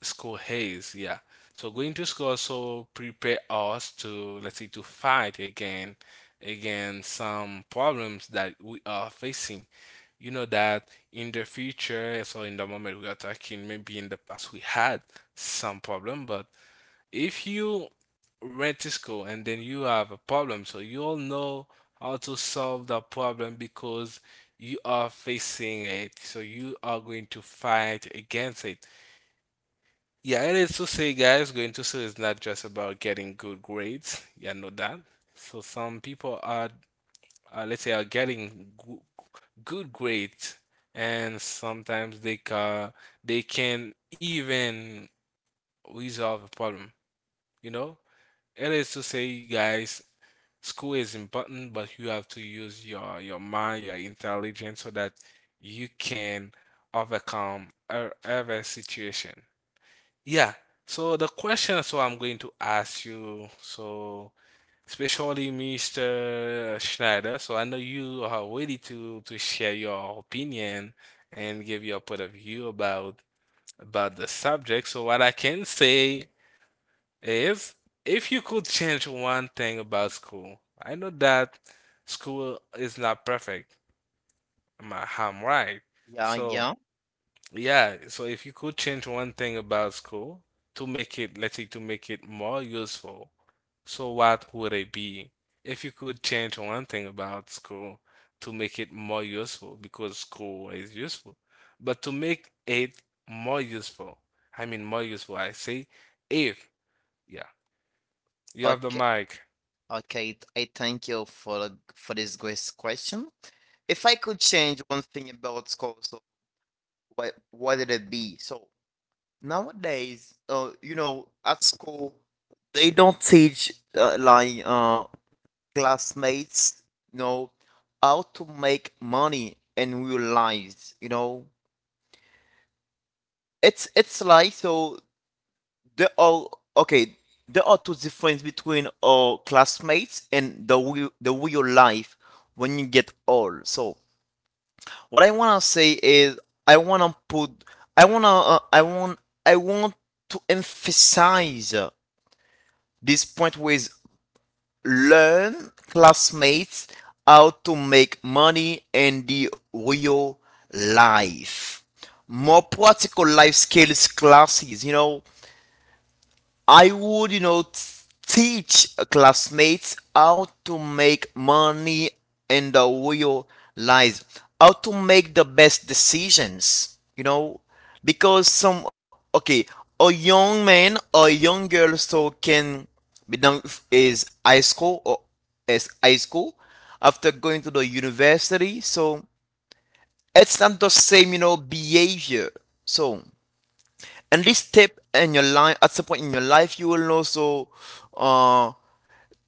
Speaker 1: school is. Yeah, so going to school also prepare us to let's say to fight again against some problems that we are facing. You know that in the future, so in the moment we are talking, maybe in the past we had some problem, but if you went to school and then you have a problem, so you'll know how to solve that problem because you are facing it. So you are going to fight against it. Yeah, it is to say, guys, going to school is not just about getting good grades. Yeah, know that. So some people are, uh, let's say, are getting goo- good grades, and sometimes they can they can even resolve a problem. You know, It is to say, you guys, school is important, but you have to use your your mind, your intelligence, so that you can overcome e- every situation. Yeah. So the question, so I'm going to ask you, so especially mister Schneider. So I know you are ready to to share your opinion and give your point of view about about the subject. So what I can say if if you could change one thing about school, I know that school is not perfect. Am I- I'm right.
Speaker 3: Yeah,
Speaker 1: So
Speaker 3: yeah.
Speaker 1: yeah, so if you could change one thing about school to make it, let's say, to make it more useful, so what would it be? If you could change one thing about school to make it more useful, because school is useful, but to make it more useful, I mean more useful, I say, if yeah, you have the
Speaker 3: Okay,
Speaker 1: mic.
Speaker 3: okay. I thank you for the- for this great question. If I could change one thing about school, so what what would it be? So nowadays, uh, you know, at school they don't teach uh, like uh classmates, you know, how to make money in real lives, you know It's it's like so, there are okay there are two difference between our classmates and the real, the real life when you get old. So what I wanna say is, I wanna put I wanna uh, I want I want to emphasize uh, this point with learn classmates how to make money in the real life. More practical life skills classes, you know I would, you know, t- teach classmates how to make money in the real life, how to make the best decisions, you know, because some, okay, a young man or young girl so can be done f- is high school or is high school after going to the university, so it's not the same, you know, behavior. So and this step in your life, at some point in your life you will also uh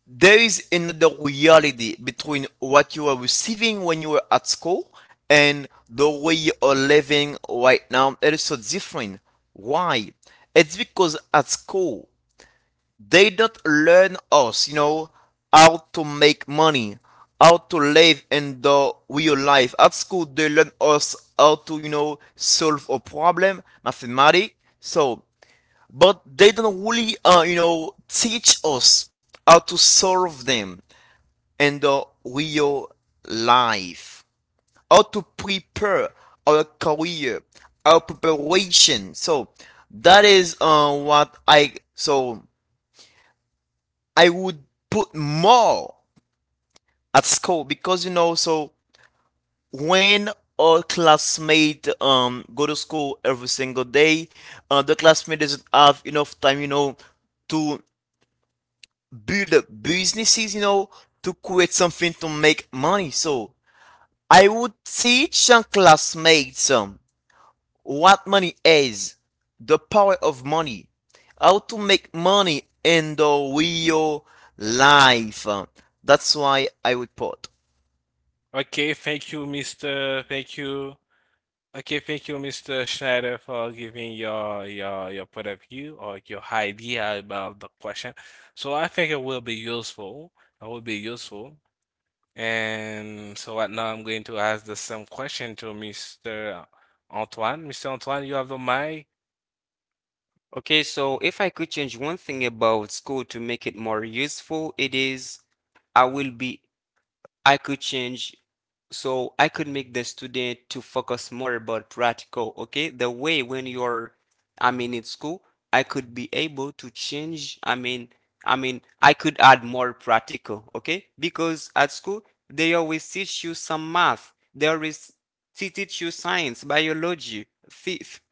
Speaker 3: there is another reality between what you are receiving when you were at school and the way you are living right now. It is so different. Why? It's because at school they don't learn us, you know how to make money, how to live in the real life. At school they learn us how to, you know solve a problem, mathematics. So but they don't really, uh, you know, teach us how to solve them in the real life, how to prepare our career, our preparation. So that is uh, what I, so I would put more at school because, you know, so when our classmate um go to school every single day, uh, the classmate doesn't have enough time, you know, to build up businesses, you know, to create something to make money. So I would teach your classmates, um, what money is, the power of money, how to make money in the real life. Um, That's why I would put.
Speaker 1: Okay, thank you, mister Thank you. Okay, thank you, mister Schneider, for giving your your your point of view or your idea about the question. So I think it will be useful. It will be useful. And so right now I'm going to ask the same question to mister Antoine. mister Antoine, you have the mic.
Speaker 2: Okay, so if I could change one thing about school to make it more useful, it is I will be, I could change, so I could make the student to focus more about practical, okay? The way when you're, I mean, in school, I could be able to change, I mean, I mean, I could add more practical, okay? Because at school, they always teach you some math. They always te- teach you science, biology, phy- ph-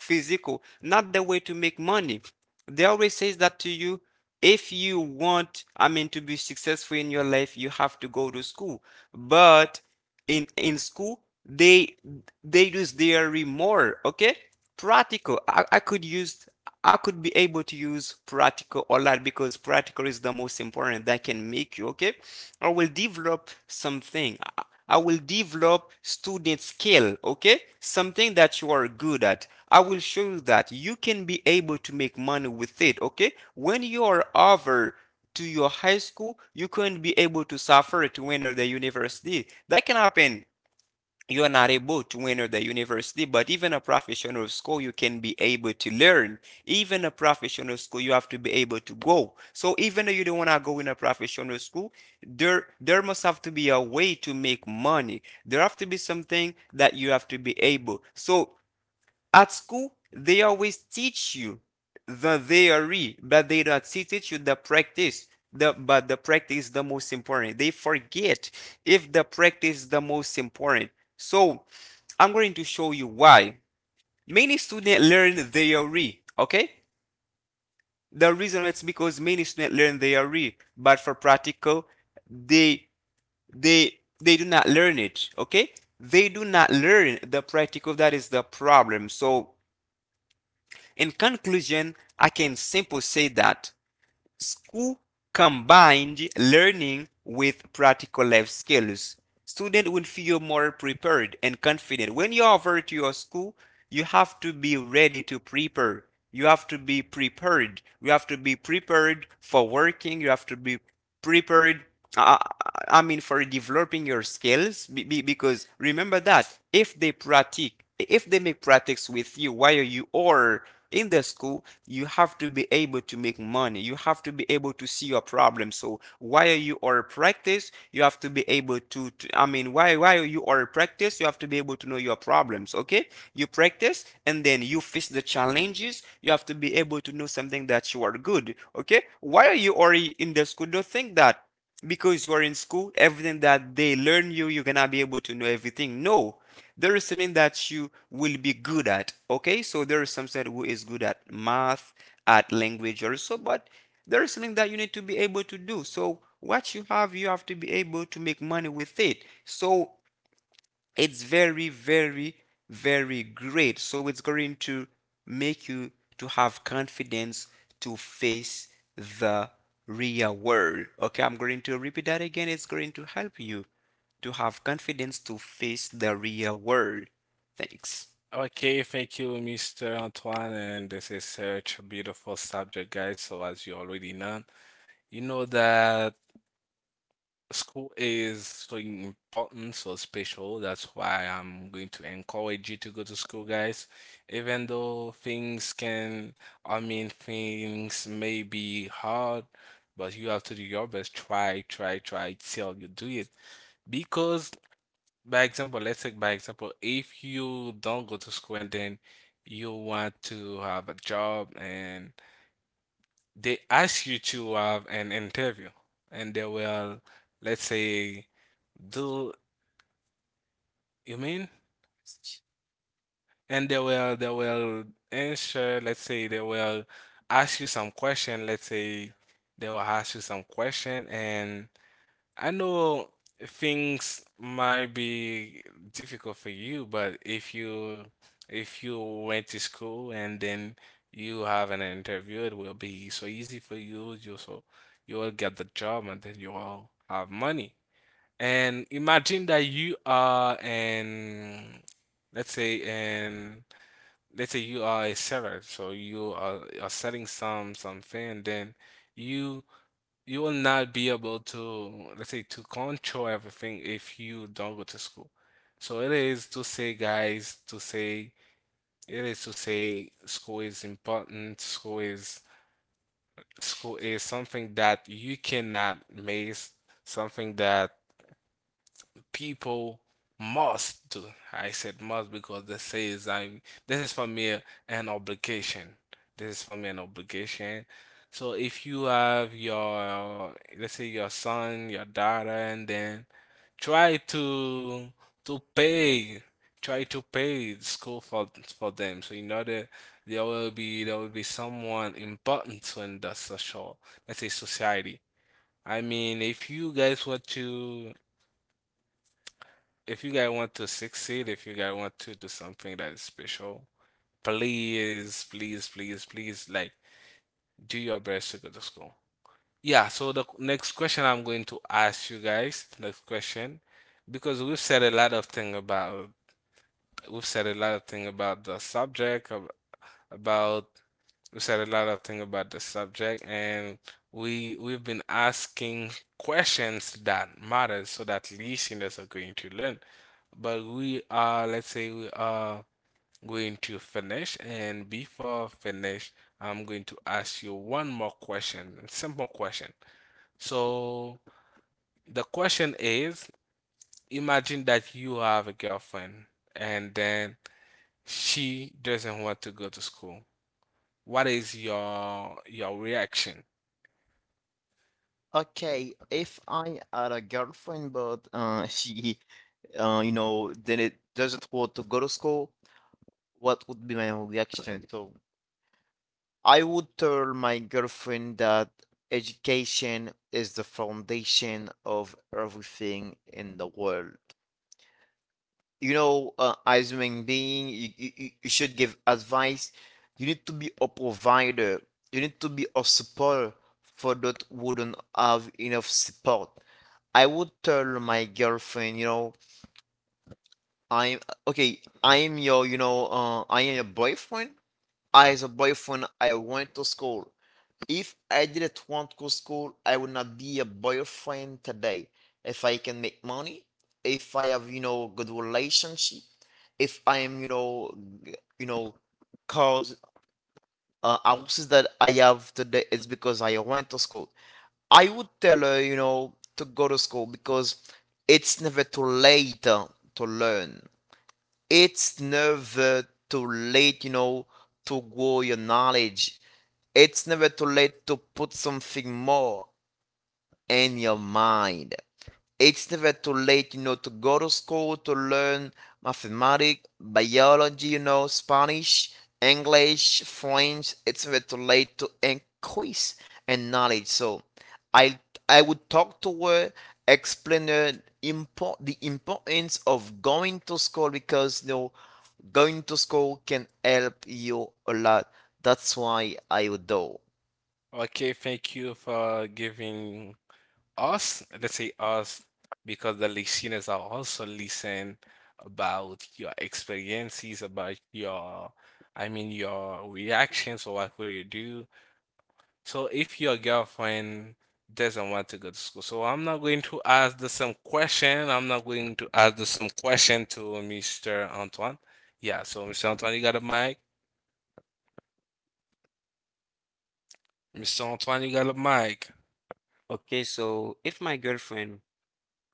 Speaker 2: physical, not the way to make money. They always says that to you. If you want, I mean, to be successful in your life, you have to go to school. But in in school they they use their more okay practical. I, I could use, I could be able to use practical a lot because practical is the most important that can make you okay. I will develop something, I- I will develop student skill, okay, something that you are good at, I will show you that you can be able to make money with it. Okay, when you are over to your high school, you couldn't be able to suffer to enter the university. That can happen. You're not able to enter the university, but even a professional school, you can be able to learn. Even a professional school, you have to be able to go. So even though you don't want to go in a professional school, there there must have to be a way to make money. There have to be something that you have to be able. So at school, they always teach you the theory, but they don't teach you the practice. The, but the practice is the most important. They forget if the practice is the most important. So I'm going to show you why. Many students learn theory, okay? The reason it's because many students learn theory, but for practical, they they they do not learn it, okay? They do not learn the practical. That is the problem. So in conclusion, I can simply say that school combined learning with practical life skills. Student will feel more prepared and confident. When you are over to your school, you have to be ready to prepare. You have to be prepared. You have to be prepared for working. You have to be prepared uh, I mean, for developing your skills, be, because remember that if they practice, if they make practice with you while you are in the school, you have to be able to make money. You have to be able to see your problem. So while you are practice, you have to be able to, to I mean, while while you are practice, you have to be able to know your problems. Okay, you practice and then you face the challenges. You have to be able to know something that you are good. Okay, while you are in the school, don't think that because you are in school, everything that they learn you, you're gonna be able to know everything. No, there is something that you will be good at. Okay, so there is something who is good at math, at language also, but there is something that you need to be able to do. So what you have, you have to be able to make money with it. So it's very very very great, so it's going to make you to have confidence to face the real world. Okay, I'm going to repeat that again. It's going to help you to have confidence to face the real world. Thanks.
Speaker 1: Okay, thank you, mister Antoine. And this is such a beautiful subject, guys. So as you already know, you know that school is so important, so special. That's why I'm going to encourage you to go to school, guys. Even though things can, I mean, things may be hard, but you have to do your best. Try, try, try till you do it. Because, by example, let's take by example, if you don't go to school and then you want to have a job and they ask you to have an interview and they will, let's say, do you mean, and they will they will answer, let's say they will ask you some question, let's say they will ask you some question, and I know things might be difficult for you, but if you if you went to school and then you have an interview, it will be so easy for you. You so you will get the job and then you will have money. And imagine that you are an, let's say an, let's say you are a seller, so you are, are selling some something, and then you you will not be able to, let's say, to control everything if you don't go to school. So it is to say, guys, to say, it is to say school is important, school is school is something that you cannot miss, something that people must do. I said must because this is I this is for me an obligation. This is for me an obligation. So if you have your, let's say your son, your daughter, and then try to to pay try to pay school for for them. So you know that there will be there will be someone important in the social, let's say society. I mean, if you guys were to if you guys want to succeed, if you guys want to do something that is special, please, please, please, please, like do your best to go to school. Yeah, so the next question I'm going to ask you guys, next question, because we've said a lot of thing about we've said a lot of thing about the subject of about we said a lot of things about the subject, and we we've been asking questions that matters so that listeners are going to learn. But we are, let's say we are going to finish, and before finish I'm going to ask you one more question, a simple question. So the question is imagine that you have a girlfriend and then she doesn't want to go to school. What is your your reaction?
Speaker 3: Okay, if I had a girlfriend, but uh, she, uh, you know, then it doesn't want to go to school, what would be my reaction? So I would tell my girlfriend that education is the foundation of everything in the world. You know, uh, as a human being, you, you, you you should give advice. You need to be a provider. You need to be a supporter for that wouldn't have enough support. I would tell my girlfriend, you know, I'm okay. I am your, you know, uh, I am your boyfriend. As a boyfriend, I went to school. If I didn't want to school, I would not be a boyfriend today. If I can make money, if I have, you know, good relationship, if I am, you know, g- you know, cause uh, houses that I have today is because I went to school. I would tell her, you know, to go to school because it's never too late uh, to learn, it's never too late, you know, to grow your knowledge. It's never too late to put something more in your mind. It's never too late, you know, to go to school to learn mathematics, biology, you know, Spanish, English, French. It's never too late to increase in knowledge. So I I would talk to her, explain her import the importance of going to school because, you know, going to school can help you a lot. That's why I would do.
Speaker 1: Okay, thank you for giving us, let's say us, because the listeners are also listen about your experiences, about your, I mean, your reactions or what will you do? So if your girlfriend doesn't want to go to school, so I'm not going to ask the same question. I'm not going to ask the same question to mister Antoine. Yeah, so mister Antoine, you got a mic? mister Antoine, you got a mic.
Speaker 2: Okay, so if my girlfriend,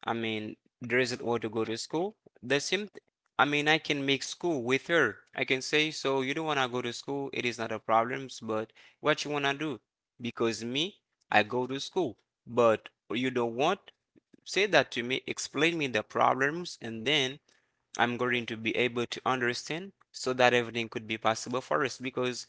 Speaker 2: I mean, there isn't want to go to school. The same, th- I mean, I can make school with her. I can say, so you don't want to go to school, it is not a problem, but what you want to do? Because me, I go to school, but you don't want, say that to me, explain me the problems, and then I'm going to be able to understand so that everything could be possible for us because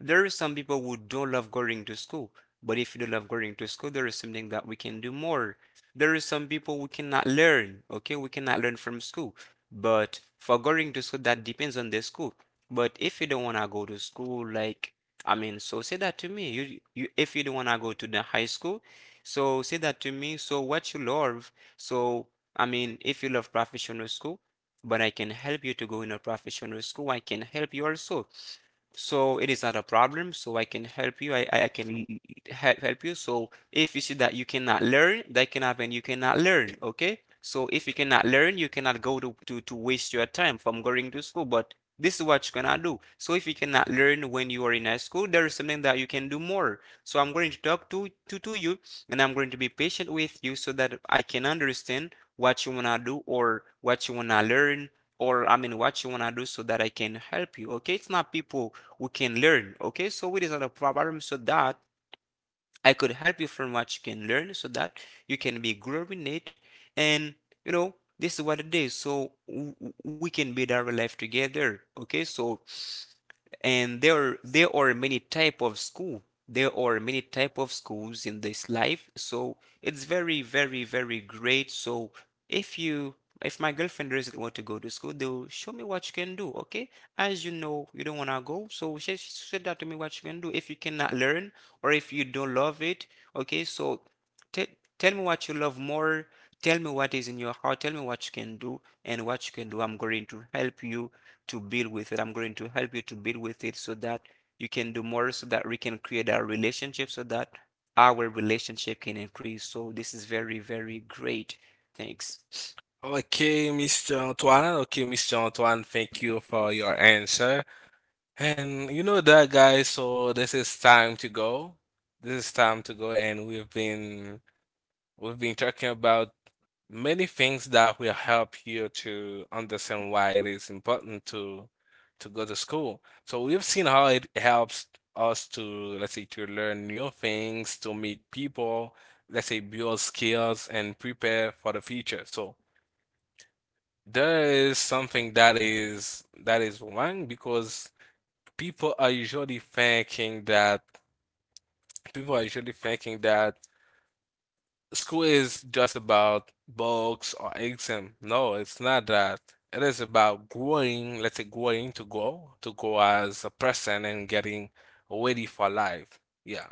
Speaker 2: there are some people who don't love going to school. But if you don't love going to school, there is something that we can do more. There are some people who cannot learn, okay? We cannot learn from school. But for going to school, that depends on the school. But if you don't want to go to school, like, I mean, so say that to me. You, you, if you don't want to go to the high school, so say that to me. So what you love, so I mean, if you love professional school, but I can help you to go in a professional school. I can help you also. So it is not a problem. So I can help you. I, I can help, help you. So if you see that you cannot learn, that can happen. You cannot learn. Okay. So if you cannot learn, you cannot go to, to, to waste your time from going to school. But this is what you cannot do. So if you cannot learn when you are in high school, there is something that you can do more. So I'm going to talk to, to, to you and I'm going to be patient with you so that I can understand what you wanna do or what you wanna learn or I mean what you wanna do so that I can help you. Okay, it's not people who can learn. Okay, so it is not a problem so that I could help you from what you can learn so that you can be growing it and, you know, this is what it is. So we can build our life together. Okay, so and there there are many type of school, there are many type of schools in this life, so it's very very very great. So if you, if my girlfriend doesn't want to go to school, they'll show me what you can do. Okay, as you know, you don't want to go, so she she said that to me, what you can do if you cannot learn or if you don't love it. Okay, so te- tell me what you love more, tell me what is in your heart, tell me what you can do. And what you can do, I'm going to help you to build with it. I'm going to help you to build with it so that you can do more, so that we can create our relationship, so that our relationship can increase. So this is very, very great. Thanks.
Speaker 1: Okay, mister Antoine. Okay, mister Antoine, thank you for your answer. And you know that, guys, so this is time to go. This is time to go, and we've been we've been talking about many things that will help you to understand why it is important to to go to school. So we've seen how it helps us to, let's say, to learn new things, to meet people, let's say, build skills and prepare for the future. So there is something that is that is wrong because people are usually thinking that people are usually thinking that school is just about books or exam. No, it's not that. It is about growing, let's say growing to grow, to grow as a person and getting ready for life. Yeah,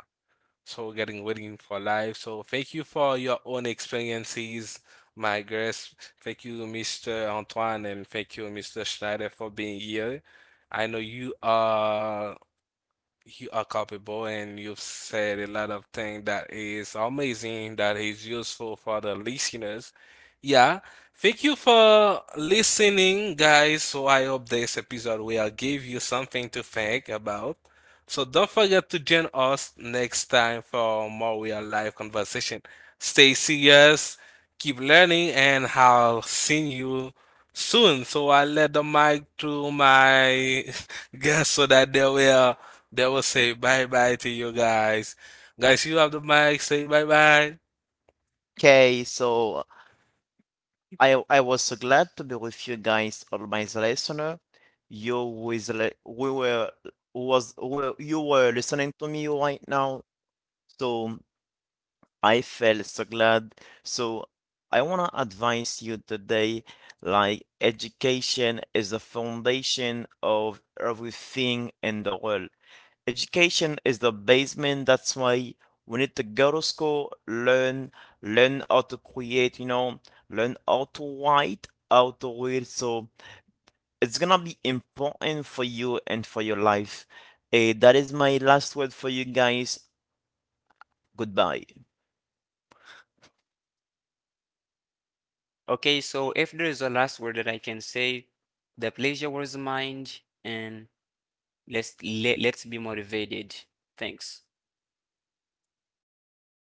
Speaker 1: so getting waiting for life. So thank you for your own experiences, my guest. Thank you, mister Antoine, and thank you, mister Schneider, for being here. I know you are you are capable, and you've said a lot of things that is amazing, that is useful for the listeners. Yeah, thank you for listening, guys. So I hope this episode will give you something to think about. So don't forget to join us next time for more real life conversation. Stay serious, keep learning, and I'll see you soon. So I let the mic to my guests so that they will they will say bye bye to you guys. Guys, you have the mic. Say bye bye.
Speaker 3: Okay, so I I was so glad to be with you guys, all my listener. You with le- we were was were, you were listening to me right now, so I felt so glad. So I wanna advise you today, like, education is the foundation of everything in the world. Education is the basement. That's why we need to go to school, learn, learn how to create, you know, learn how to write, how to read. So it's gonna be important for you and for your life. Eh, that is my last word for you guys. Goodbye.
Speaker 2: Okay, so if there is a last word that I can say, the pleasure was mine, and let's let, let's be motivated. Thanks.